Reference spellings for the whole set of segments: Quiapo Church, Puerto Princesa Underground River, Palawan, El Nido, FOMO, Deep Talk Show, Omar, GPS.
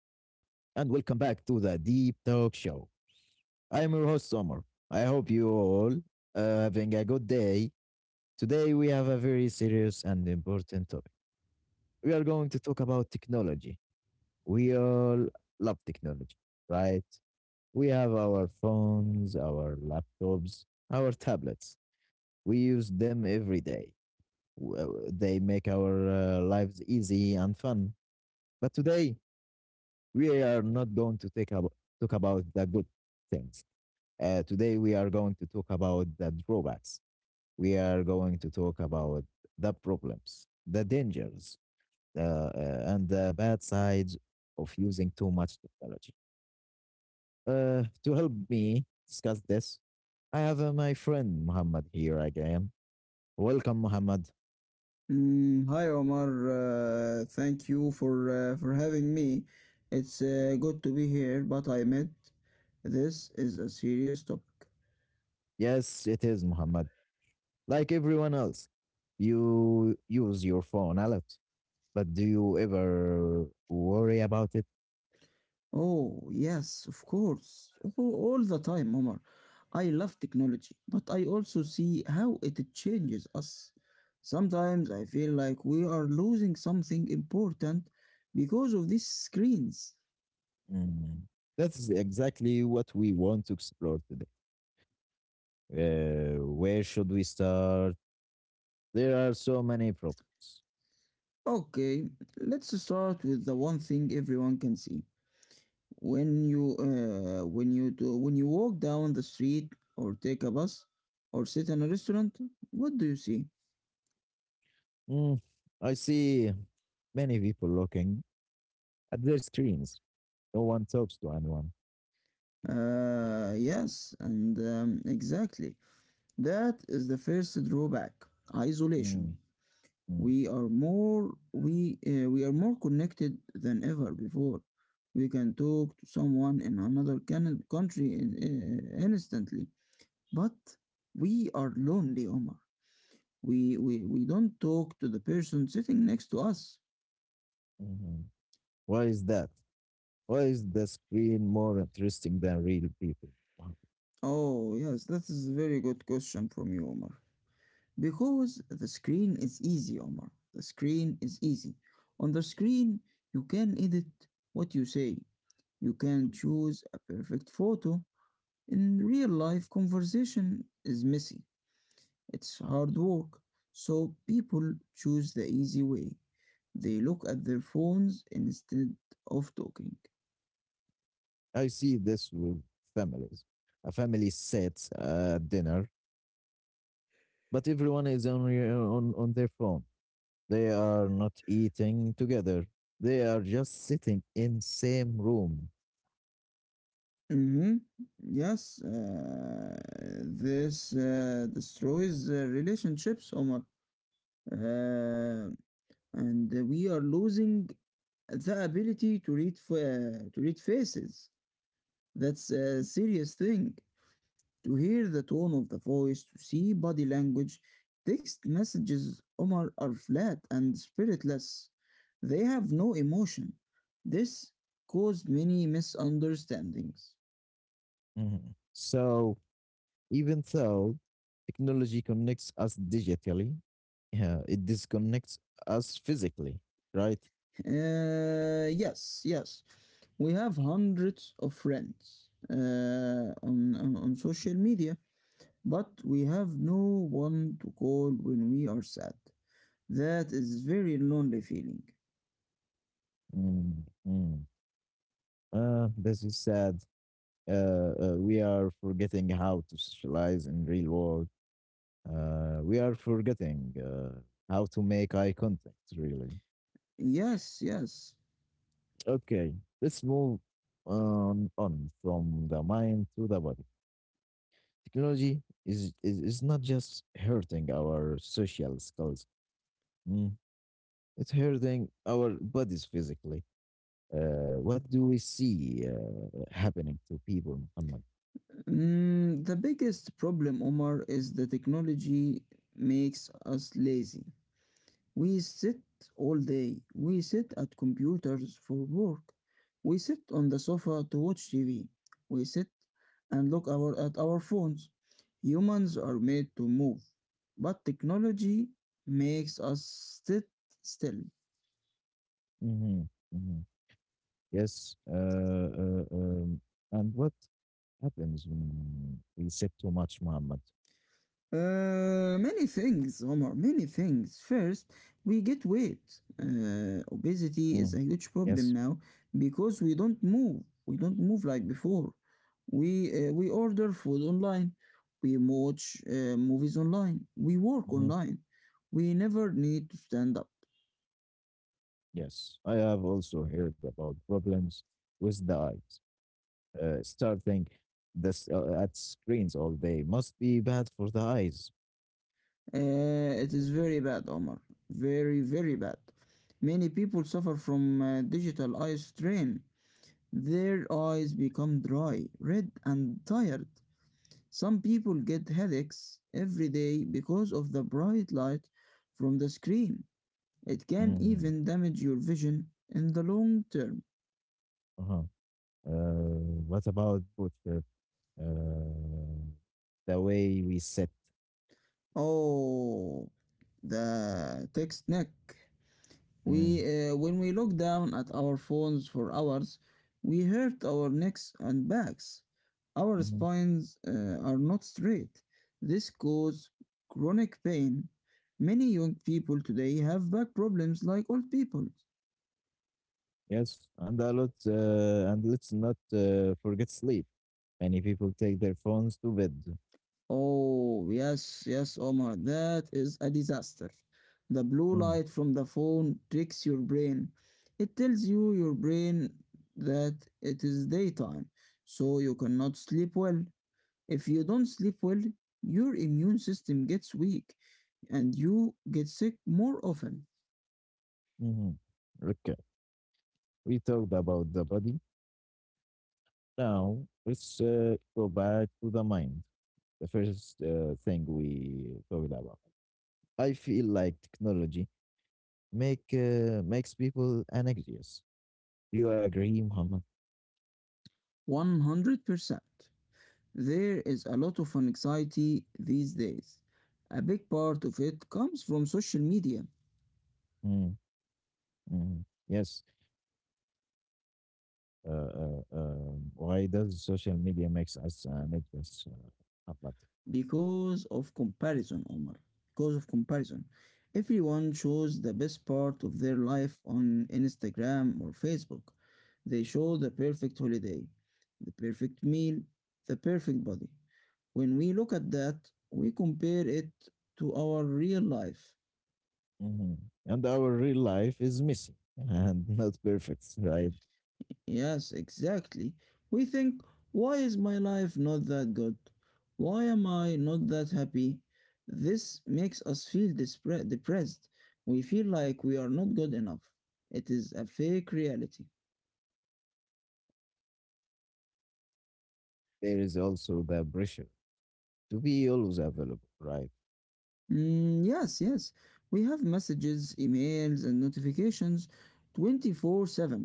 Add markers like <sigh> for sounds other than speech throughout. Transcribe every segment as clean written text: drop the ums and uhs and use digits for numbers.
and welcome back to the Deep Talk Show. I am your host, Omar. I hope you all are having a good day. Today, we have a very serious and important topic. We are going to talk about technology. We all love technology, right? We have our phones, our laptops, our tablets. We use them every day. They make our lives easy and fun. But today, we are not going to talk about the good things. Today, we are going to talk about the drawbacks. We are going to talk about the problems, the dangers, and the bad sides of using too much technology. To help me discuss this, I have my friend Muhammad here again. Welcome, Muhammad. Mm, hi Omar, thank you for having me. It's good to be here, but I admit this is a serious topic. Yes, it is Muhammad. Like everyone else, you use your phone a lot. But do you ever worry about it? Oh, yes, of course. All the time, Omar. I love technology, but I also see how it changes us. Sometimes I feel like we are losing something important because of these screens. Mm. That's exactly what we want to explore today. Where should we start? There are so many problems. Okay, let's start with the one thing everyone can see. When you when you do, when you walk down the street or take a bus or sit in a restaurant, what do you see? Mm, I see many people looking at their screens. No one talks to anyone. Yes, and exactly, that is the first drawback: isolation. Mm, mm, We are more connected than ever before. We can talk to someone in another country, instantly, but we are lonely, Omar. We don't talk to the person sitting next to us. mhm. Why is that? Why is the screen more interesting than real people? Wow. Oh, yes, that is a very good question from you, Omar. Because the screen is easy, Omar. The screen is easy. On the screen, you can edit what you say, you can choose a perfect photo. In real life, conversation is messy, it's hard work. So people choose the easy way. They look at their phones instead of talking. I see this with families. A family sits at dinner but everyone is on on their phone. They are not eating together. They are just sitting in same room. Mhm. Yes, this destroys relationships, Omar. Uh, and we are losing the ability to to read faces. That's a serious thing. To hear the tone of the voice, to see body language, text messages, Omar, are flat and spiritless. They have no emotion. This caused many misunderstandings. Mhm. So even though technology connects us digitally, yeah, it disconnects us physically, right? Yes, yes. We have hundreds of friends on social media, but we have no one to call when we are sad. That is very lonely feeling. Mm, mm. This is sad. We are forgetting how to socialize in real world. We are forgetting how to make eye contact, really. Yes, yes. Okay, let's move on from the mind to the body. Technology is not just hurting our social skills. Mm-hmm. It's hurting our bodies physically. What do we see happening to people, Muhammad? Mm, the biggest problem, Omar, is the technology makes us lazy. We sit all day. We sit at computers for work. We sit on the sofa to watch TV. We sit and at our phones. Humans are made to move, but technology makes us sit still. Hmm. Hmm. Yes. And what happens when we sip too much, Muhammad? Many things, Omar, many things. First, we get weight. Obesity is Mm. a huge problem Yes. now because we don't move. We don't move like before. We order food online. We watch movies online. We work Mhm. online. We never need to stand up. Yes, I have also heard about problems with the eyes. Starting this at screens all day must be bad for the eyes. It is very bad, Omar. Very, very bad. Many people suffer from digital eye strain. Their eyes become dry, red, and tired. Some people get headaches every day because of the bright light from the screen. It can Mhm. even damage your vision in the long term. Uh-huh. What about both uh, the way we sit. Oh, the text neck. Mm, When we look down at our phones for hours, we hurt our necks and backs. Our mhm. spines are not straight. This causes chronic pain. Many young people today have back problems like old people. Yes, and a lot, and let's not forget sleep. Many people take their phones to bed. Oh, yes, yes, Omar, that is a disaster. The blue Mm, light from the phone tricks your brain. It tells you your brain that it is daytime, so you cannot sleep well. If you don't sleep well, your immune system gets weak and you get sick more often. mhm. Okay, we talked about the body. Now let's go back to the mind. The first thing we talked about. I feel like technology makes people anxious. Do you agree, Muhammad? 100%. There is a lot of anxiety these days. A big part of it comes from social media Mm, mhm. Yes, why does social media makes us an actress? Uh, but, because of comparison, Omar. Because of comparison. Everyone shows the best part of their life on Instagram or Facebook. They show the perfect holiday, the perfect meal, the perfect body. When we look at that, we compare it to our real life. And our real life is messy and <laughs> not perfect, right? Yes, exactly. We think, why is my life not that good? Why am I not that happy? This makes us feel depressed. We feel like we are not good enough. It is a fake reality. There is also the pressure to be always available, right? Mm, yes, yes. We have messages, emails, and notifications 24/7.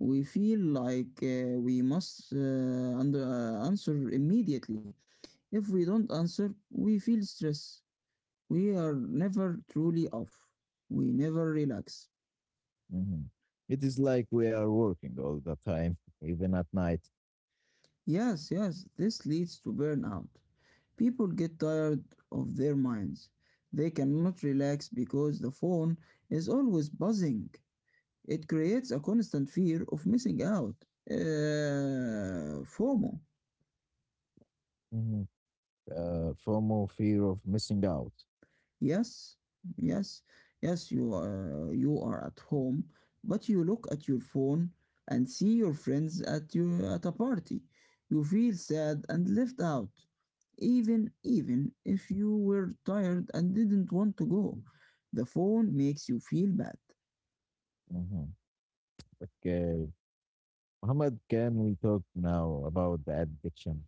We feel like we must answer immediately. If we don't answer, we feel stress. We are never truly off. We never relax. Mhm. It is like we are working all the time, <laughs> even at night. Yes, yes, this leads to burnout. People get tired of their minds. They cannot relax because the phone is always buzzing. It creates a constant fear of missing out. FOMO. Mhm. FOMO, fear of missing out, Yes, yes, yes, you are at home, but you look at your phone and see your friends at a party. You feel sad and left out, even if you were tired and didn't want to go. The phone makes you feel bad. hmm. Okay, Muhammad, can we talk now about the addiction?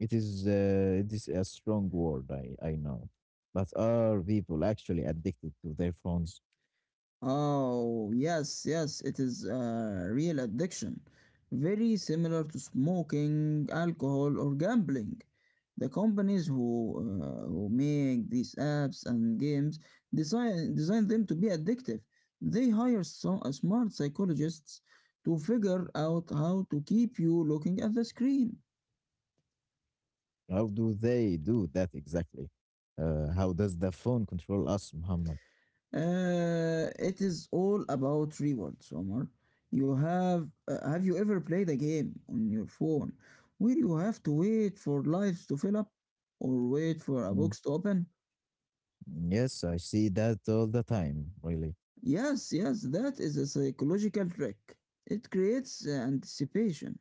It is a strong word, I know, but are people actually addicted to their phones? Oh, yes, yes, it is a real addiction. Very similar to smoking, alcohol, or gambling. The companies who make these apps and games design them to be addictive. They hire smart psychologists to figure out how to keep you looking at the screen. How do they do that exactly? How does the phone control us, Muhammad? It is all about rewards, Omar. You have you ever played a game on your phone where you have to wait for lives to fill up or wait for a Mm, box to open? yes, I see that all the time, really. Yes, yes, that is a psychological trick. It creates anticipation.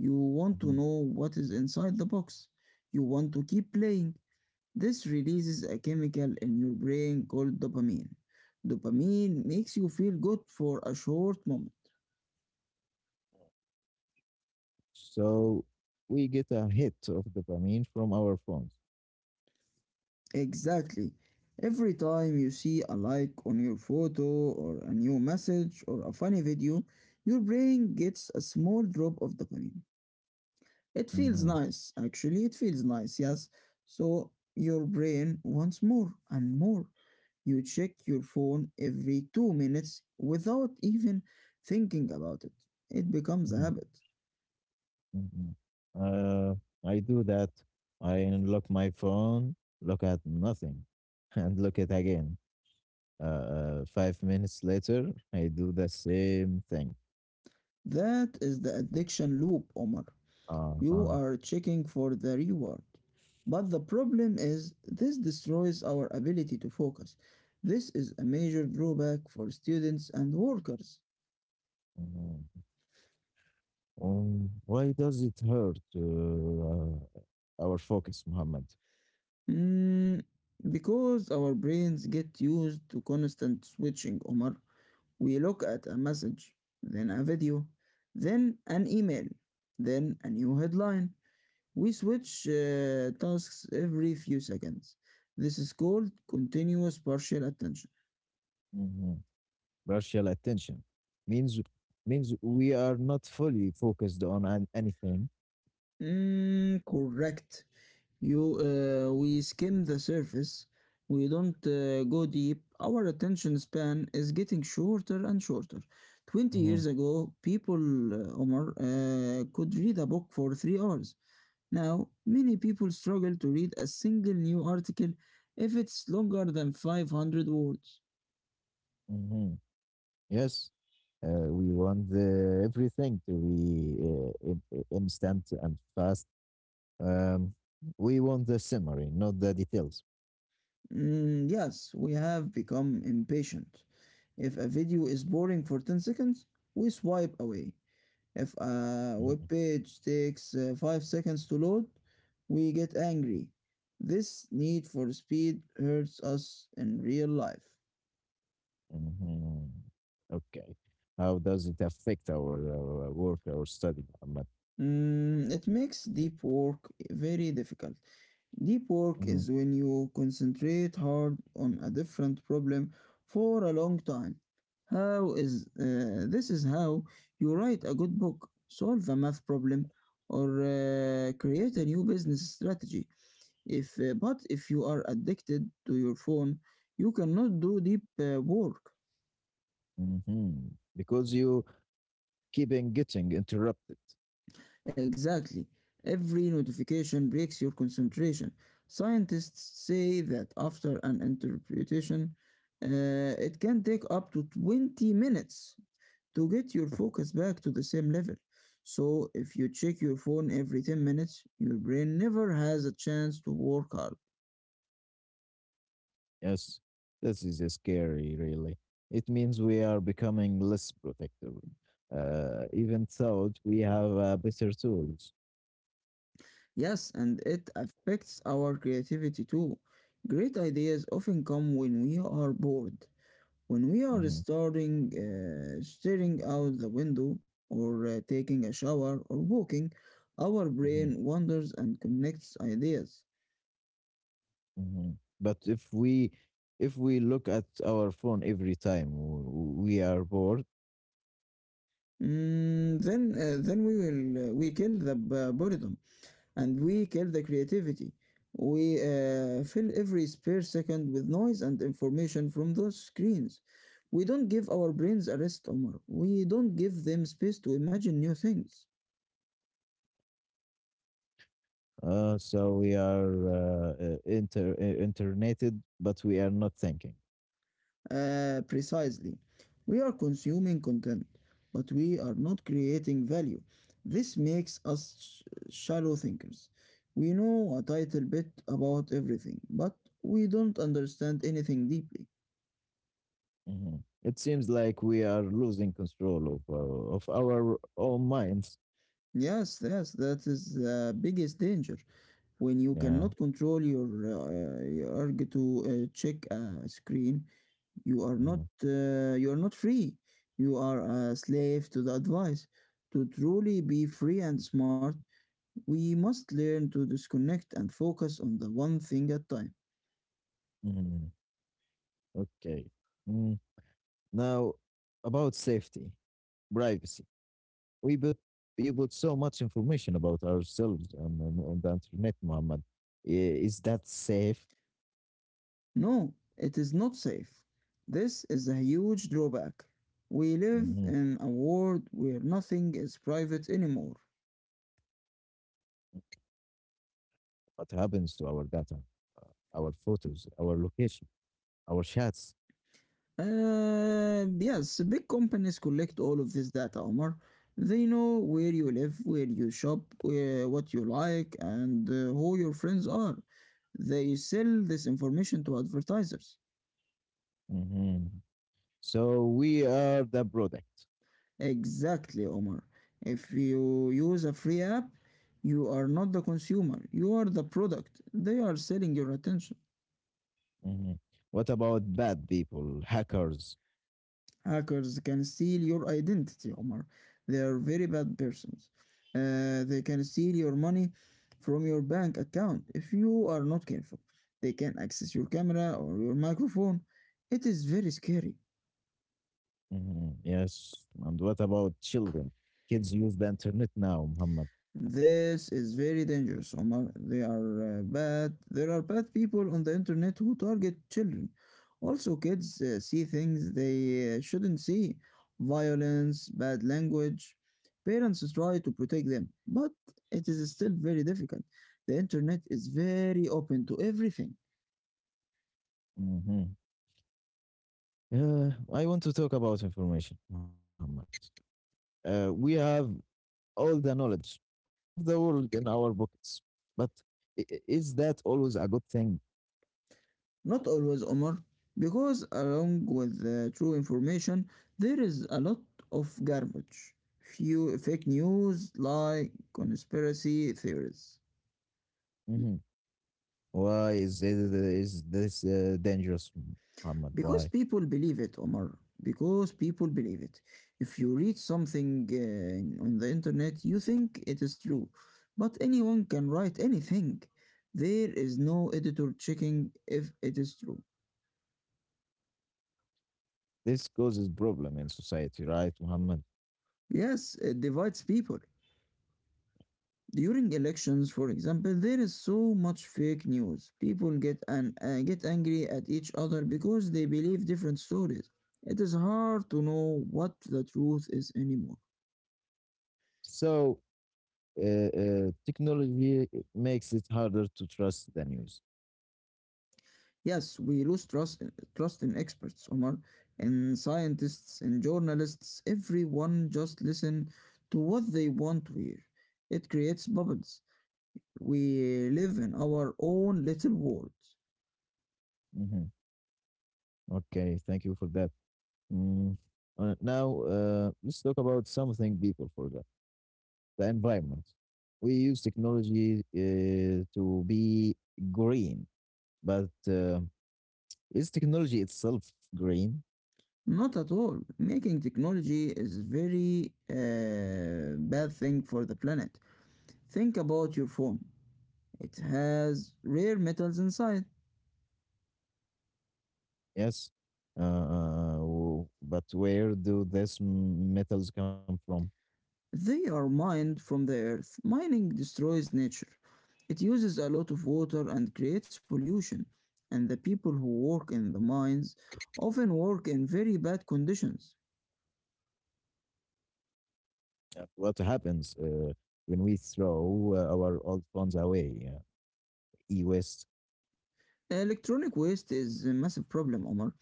You want to Mhm. know what is inside the box. You want to keep playing. This releases a chemical in your brain called dopamine. Dopamine makes you feel good for a short moment. So we get a hit of dopamine from our phones. Exactly. Every time you see a like on your photo or a new message or a funny video, your brain gets a small drop of dopamine. It feels Mhm, nice, actually. It feels nice, yes. So your brain wants more and more. You check your phone every 2 minutes without even thinking about it. It becomes a mhm, habit. mhm. Uh, I do that. I unlock my phone, look at nothing, <laughs> and look at again. 5 minutes later, I do the same thing. That is the addiction loop, Omar. You Uh-huh. are checking for the reward. But the problem is, this destroys our ability to focus. This is a major drawback for students and workers. Why does it hurt our focus, Muhammad? Mm, because our brains get used to constant switching, Omar. We look at a message, then a video, then an email, then a new headline. We switch tasks every few seconds. This is called continuous partial attention. Mhm. Partial attention means means we are not fully focused on anything. Mm, correct. You, we skim the surface. We don't go deep. Our attention span is getting shorter and shorter. 20 Mhm, years ago, Omar, could read a book for 3 hours. Now, many people struggle to read a single new article if it's longer than 500 words. mhm. Yes, we want everything to be instant and fast. Um, we want the summary, not the details. Mm, yes, we have become impatient. If a video is boring for 10 seconds, we swipe away. If a web Mhm, page takes 5 seconds to load, we get angry. This need for speed hurts us in real life. mhm. Okay, how does it affect our, work, our study, Muhammad? Mm, it makes deep work very difficult. Deep work is when you concentrate hard on a different problem for a long time. How is this is how you write a good book, solve a math problem, or create a new business strategy. If but if you are addicted to your phone, you cannot do deep work. Hmm. Because you keep on getting interrupted. Exactly. Every notification breaks your concentration. Scientists say that after an interpretation, uh, it can take up to 20 minutes to get your focus back to the same level. So, if you check your phone every 10 minutes, your brain never has a chance to work hard. Yes, this is scary, really. It means we are becoming less protective, even though we have better tools. Yes, and it affects our creativity too. Great ideas often come when we are bored, when we are Hmm. Staring out the window, or taking a shower, or walking. Our Hmm. brain wanders and connects ideas. Hmm. But if we look at our phone every time we are bored, Mm, then we will we kill the boredom, and we kill the creativity. We fill every spare second with noise and information from those screens. We don't give our brains a rest, Omar. We don't give them space to imagine new things. uh, so we are internated, but we are not thinking. Precisely. We are consuming content, but we are not creating value. This makes us shallow thinkers. We know a tiny bit about everything, but we don't understand anything deeply. Mhm. It seems like we are losing control of of our own minds. Yes, yes, that is the biggest danger. When you Yeah. cannot control your urge to check a screen, Mhm. You are not free. You are a slave to the advice. To truly be free and smart, we must learn to disconnect and focus on the one thing at time. Mhm. Okay. Mm. Now, about safety, privacy. We put you put so much information about ourselves on the internet, Muhammad. I- Is that safe? No, it is not safe. This is a huge drawback. We live Mm-hmm. in a world where nothing is private anymore. What happens to our data, our photos, our location, our chats. Yes, big companies collect all of this data, Omar. They know where you live, where you shop, what you like, and who your friends are. They sell this information to advertisers. Mm-hmm. So we are the product. Exactly, Omar. If you use a free app, you are not the consumer, you are the product. They are selling your attention. Mm-hmm. What about bad people, hackers? Hackers can steal your identity, Omar. They are very bad persons. They can steal your money from your bank account if you are not careful. They can access your camera or your microphone. It is very scary. Mm-hmm. Yes. And what about children? Kids use the internet now, Muhammad. This is very dangerous, Omar. They are bad. There are bad people on the internet who target children. Also, kids see things they shouldn't see: violence, bad language. Parents try to protect them, but it is still very difficult. The internet is very open to everything. Mm-hmm. I want to talk about information, Muhammad. We have all the knowledge of the world in our pockets, but is that always a good thing? Not always, Omar, because along with the true information, there is a lot of garbage. Few fake news, lie, conspiracy theories. Mhm. Why is this dangerous, Muhammad? Because Why? people believe it, Omar. Because people believe it. If you read something on the internet, you think it is true. But anyone can write anything. There is no editor checking if it is true. This causes problem in society, right, Muhammad? Yes, it divides people. During elections, for example, there is so much fake news. People get angry at each other because they believe different stories. It is hard to know what the truth is anymore. So technology makes it harder to trust the news. Yes, we lose trust in experts, Omar, in scientists, in journalists. Everyone just listen to what they want to hear. It creates bubbles. We live in our own little world. Hmm. Okay, thank you for that. Mm. Now let's talk about something people forgot: the environment. We use technology to be green, but is technology itself green? Not at all. Making technology is very bad thing for the planet. Think about your phone. It has rare metals inside. Yes. But where do these metals come from? They are mined from the earth. Mining destroys nature. It uses a lot of water and creates pollution. And the people who work in the mines often work in very bad conditions. What happens when we throw our old phones away? E-waste. Electronic waste is a massive problem, Omar.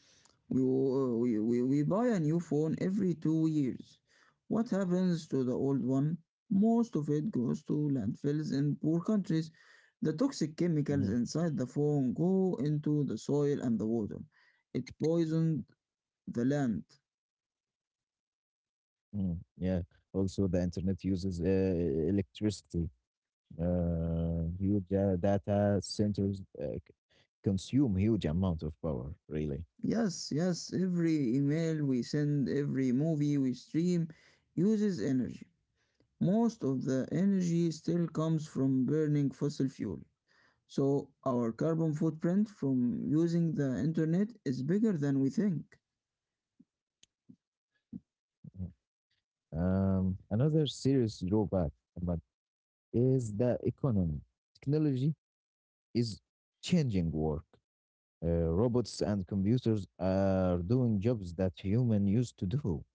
We, wo- We buy a new phone every 2 years. What happens to the old one? Most of it goes to landfills in poor countries. The toxic Mhm, chemicals inside the phone go into the soil and the water. It poisoned the land. mhm, yeah. Also, the internet uses electricity. Huge data centers consume huge amount of power. Really. Yes, yes, every email we send, every movie we stream uses energy. Most of the energy still comes from burning fossil fuel. So our carbon footprint from using the internet is bigger than we think. Mhm. Another serious drawback, but is the economy. Technology is changing work. Robots and computers are doing jobs that human used to do.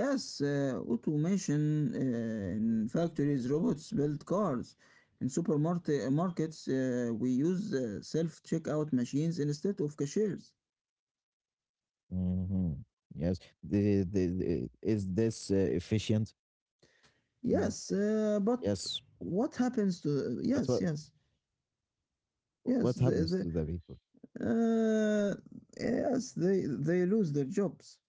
Yes, automation in factories, robots build cars. In supermarket markets, we use self-checkout machines instead of cashiers. Hmm. Yes, is this efficient? Mm, Yes, yes, but what happens but to yes, yes, what happens yes, to the the, people? uh, yes, they lose their jobs.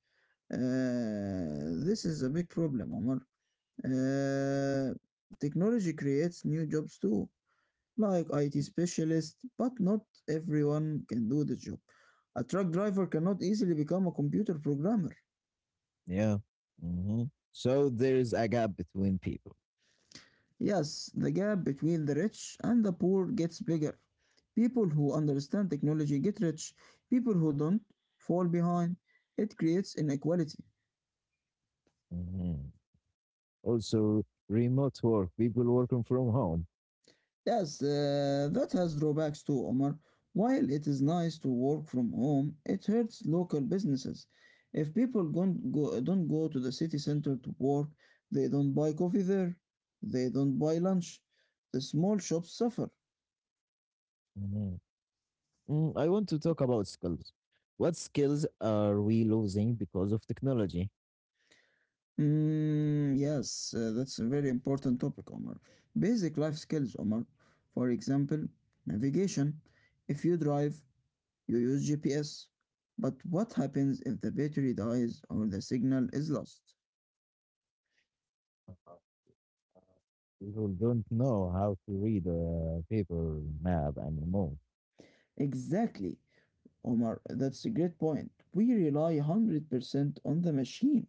This is a big problem, Omar. Uh, Technology creates new jobs too, like IT specialists, but not everyone can do the job. A truck driver cannot easily become a computer programmer. Yeah. Hmm. So there is a gap between people. Yes, the gap between the rich and the poor gets bigger. People who understand technology get rich, people who don't fall behind. It creates inequality. Hmm. Also, remote work, people working from home. Yes, that has drawbacks too, Omar. While it is nice to work from home, it hurts local businesses. If people don't go to the city center to work, they don't buy coffee there, they don't buy lunch. The small shops suffer. Mhm. Mm, I want to talk about skills. What skills are we losing because of technology? Mm, yes, that's a very important topic, Omar. Basic life skills, Omar. For example, navigation. If you drive, you use GPS, but what happens if the battery dies or the signal is lost? People don't know how to read a paper map anymore. Exactly, Omar, that's a great point. We rely 100% on the machine.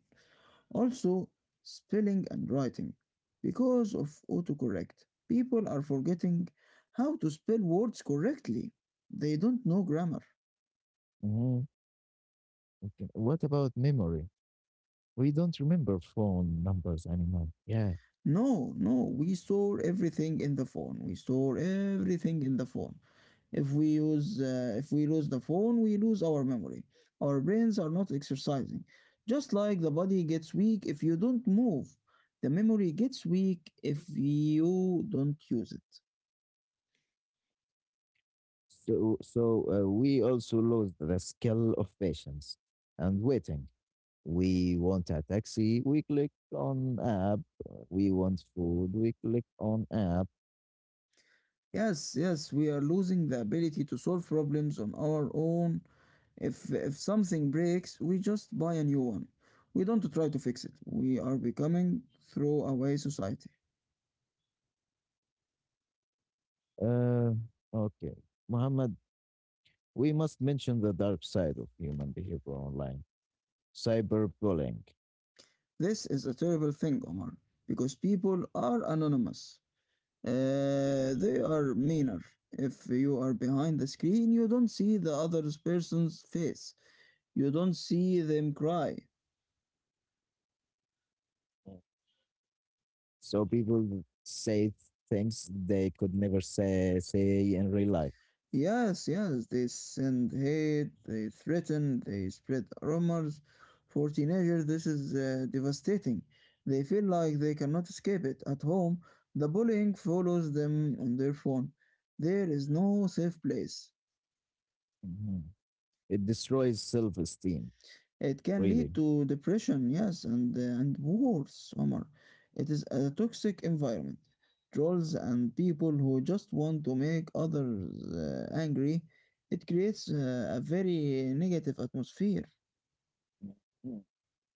Also, spelling and writing. Because of autocorrect, people are forgetting how to spell words correctly. They don't know grammar. Hmm. Okay. What about memory? We don't remember phone numbers anymore. Yeah. No, no, we store everything in the phone. We store everything in the phone. If we lose the phone, we lose our memory. Our brains are not exercising. Just like the body gets weak if you don't move, the memory gets weak if you don't use it. So, so we also lost the skill of patience and waiting. We want a taxi, we click on app. We want food, we click on app. Yes, yes, we are losing the ability to solve problems on our own. If something breaks, we just buy a new one. We don't try to fix it. We are becoming throwaway society. Uh, okay. Muhammad, we must mention the dark side of human behavior online cyberbullying. This is a terrible thing, Omar, because people are anonymous. They are meaner. If you are behind the screen, you don't see the other person's face. You don't see them cry. So people say things they could never say in real life. Yes, yes, they send hate, they threaten, they spread rumors. For teenagers, this is devastating. They feel like they cannot escape it. At home, the bullying follows them on their phone. There is no safe place. Mhm. It destroys self-esteem, It can really. lead to depression, yes, and worse, Omar. It is a toxic environment. Trolls and people who just want to make others angry. It creates a very negative atmosphere. Mm.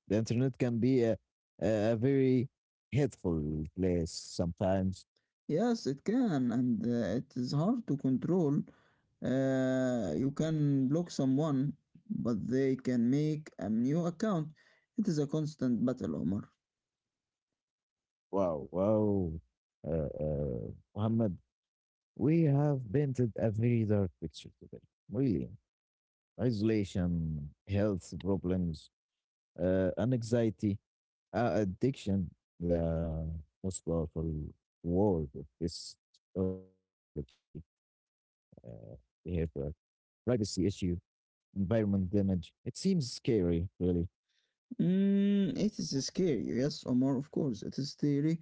The internet can be a very hateful place sometimes. Yes, it can, and it is hard to control. You can block someone, but they can make a new account. It is a constant battle, Omar. Wow, wow, uh, uh, Muhammad, we have painted a very dark picture today. Really, isolation, health problems, anxiety, uh, addiction, the most powerful word of this technology. Uh, we have a privacy issue, environment damage. It seems scary, really. Mm, it is scary, yes, Omar, of course. It is scary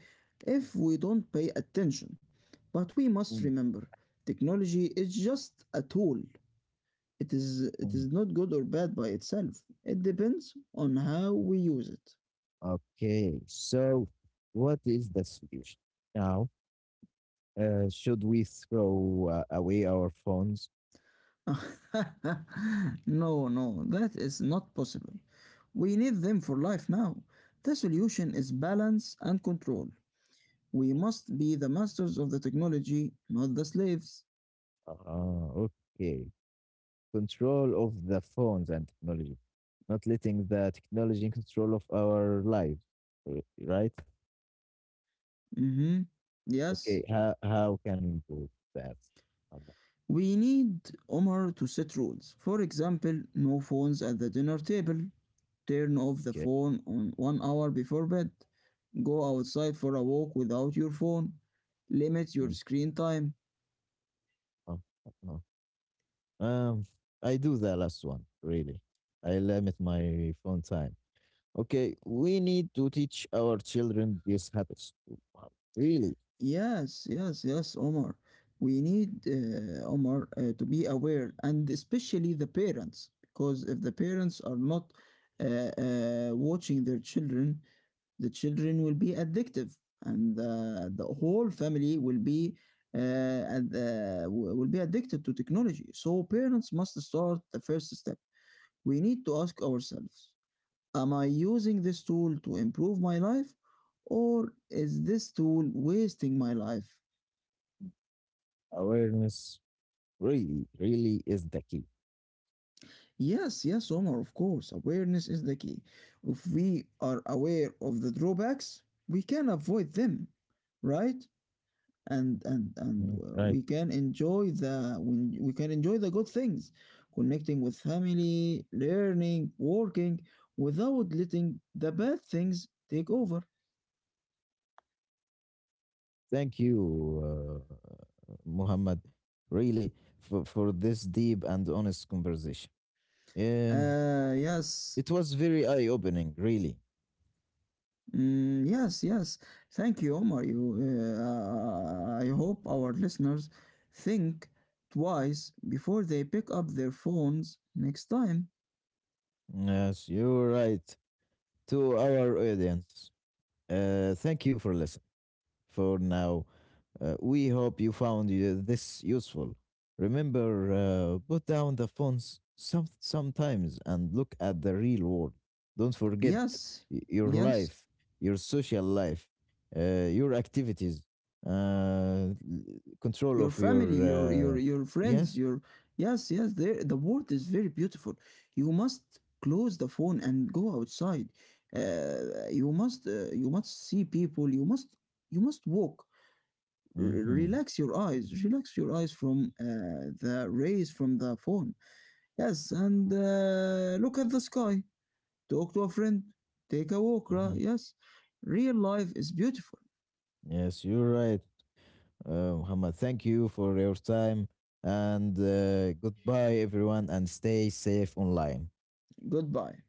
if we don't pay attention. But we must Mm, remember, technology is just a tool. It mm. is not good or bad by itself. It depends on how we use it. Okay, so what is the solution now? Should we throw away our phones? <laughs> No, no, that is not possible. We need them for life now. The solution is balance and control. We must be the masters of the technology, not the slaves. Uh, okay, control of the phones and technology, not letting the technology in control of our lives, right? Mm-hmm. Yes. Okay, how can we improve that? I We need Omar to set rules. For example, no phones at the dinner table, turn off the Okay. phone on one hour before bed, go outside for a walk without your phone, limit your Mm, screen time. uh, uh, uh, Um, I do the last one, really. I limit my phone time. Okay, we need to teach our children these habits too. Wow, really, Yes, yes, yes, Omar. We need Omar to be aware, and especially the parents, because if the parents are not watching their children, the children will be addictive and the whole family will be will be addicted to technology. So parents must start the first step. We need to ask ourselves: am I using this tool to improve my life, or is this tool wasting my life? awareness really, really is the key. Yes, yes, Omar. Of course, awareness is the key. If we are aware of the drawbacks, we can avoid them, right? and and Mm, and right. uh, we can enjoy the when we can enjoy the good things, connecting with family, learning, working, without letting the bad things take over. Thank you, uh, Muhammad, really, for this deep and honest conversation. Um, Yes. it was very eye-opening, really. Mm, yes, yes, thank you, Omar. You uh, i hope our listeners think twice before they pick up their phones next time. Yes, you're right. To our audience, thank you for listening. For now, we hope you found this useful. Remember, put down the phones some sometimes and look at the real world. Don't forget Yes, your yes, life, your social life, your activities, uh, l- control your of your. family, your your your friends, Yes. your, yes. Yes, there, the world is very beautiful. You must close the phone and go outside. You must, you must see people, you must, you must walk. Mm-hmm. Relax your eyes relax your eyes from the rays from the phone. Yes, and look at the sky, talk to a friend, take a walk, right? Mm-hmm. Yes, real life is beautiful. Yes, you're right. Muhammad, thank you for your time and goodbye, everyone, and stay safe online. Goodbye.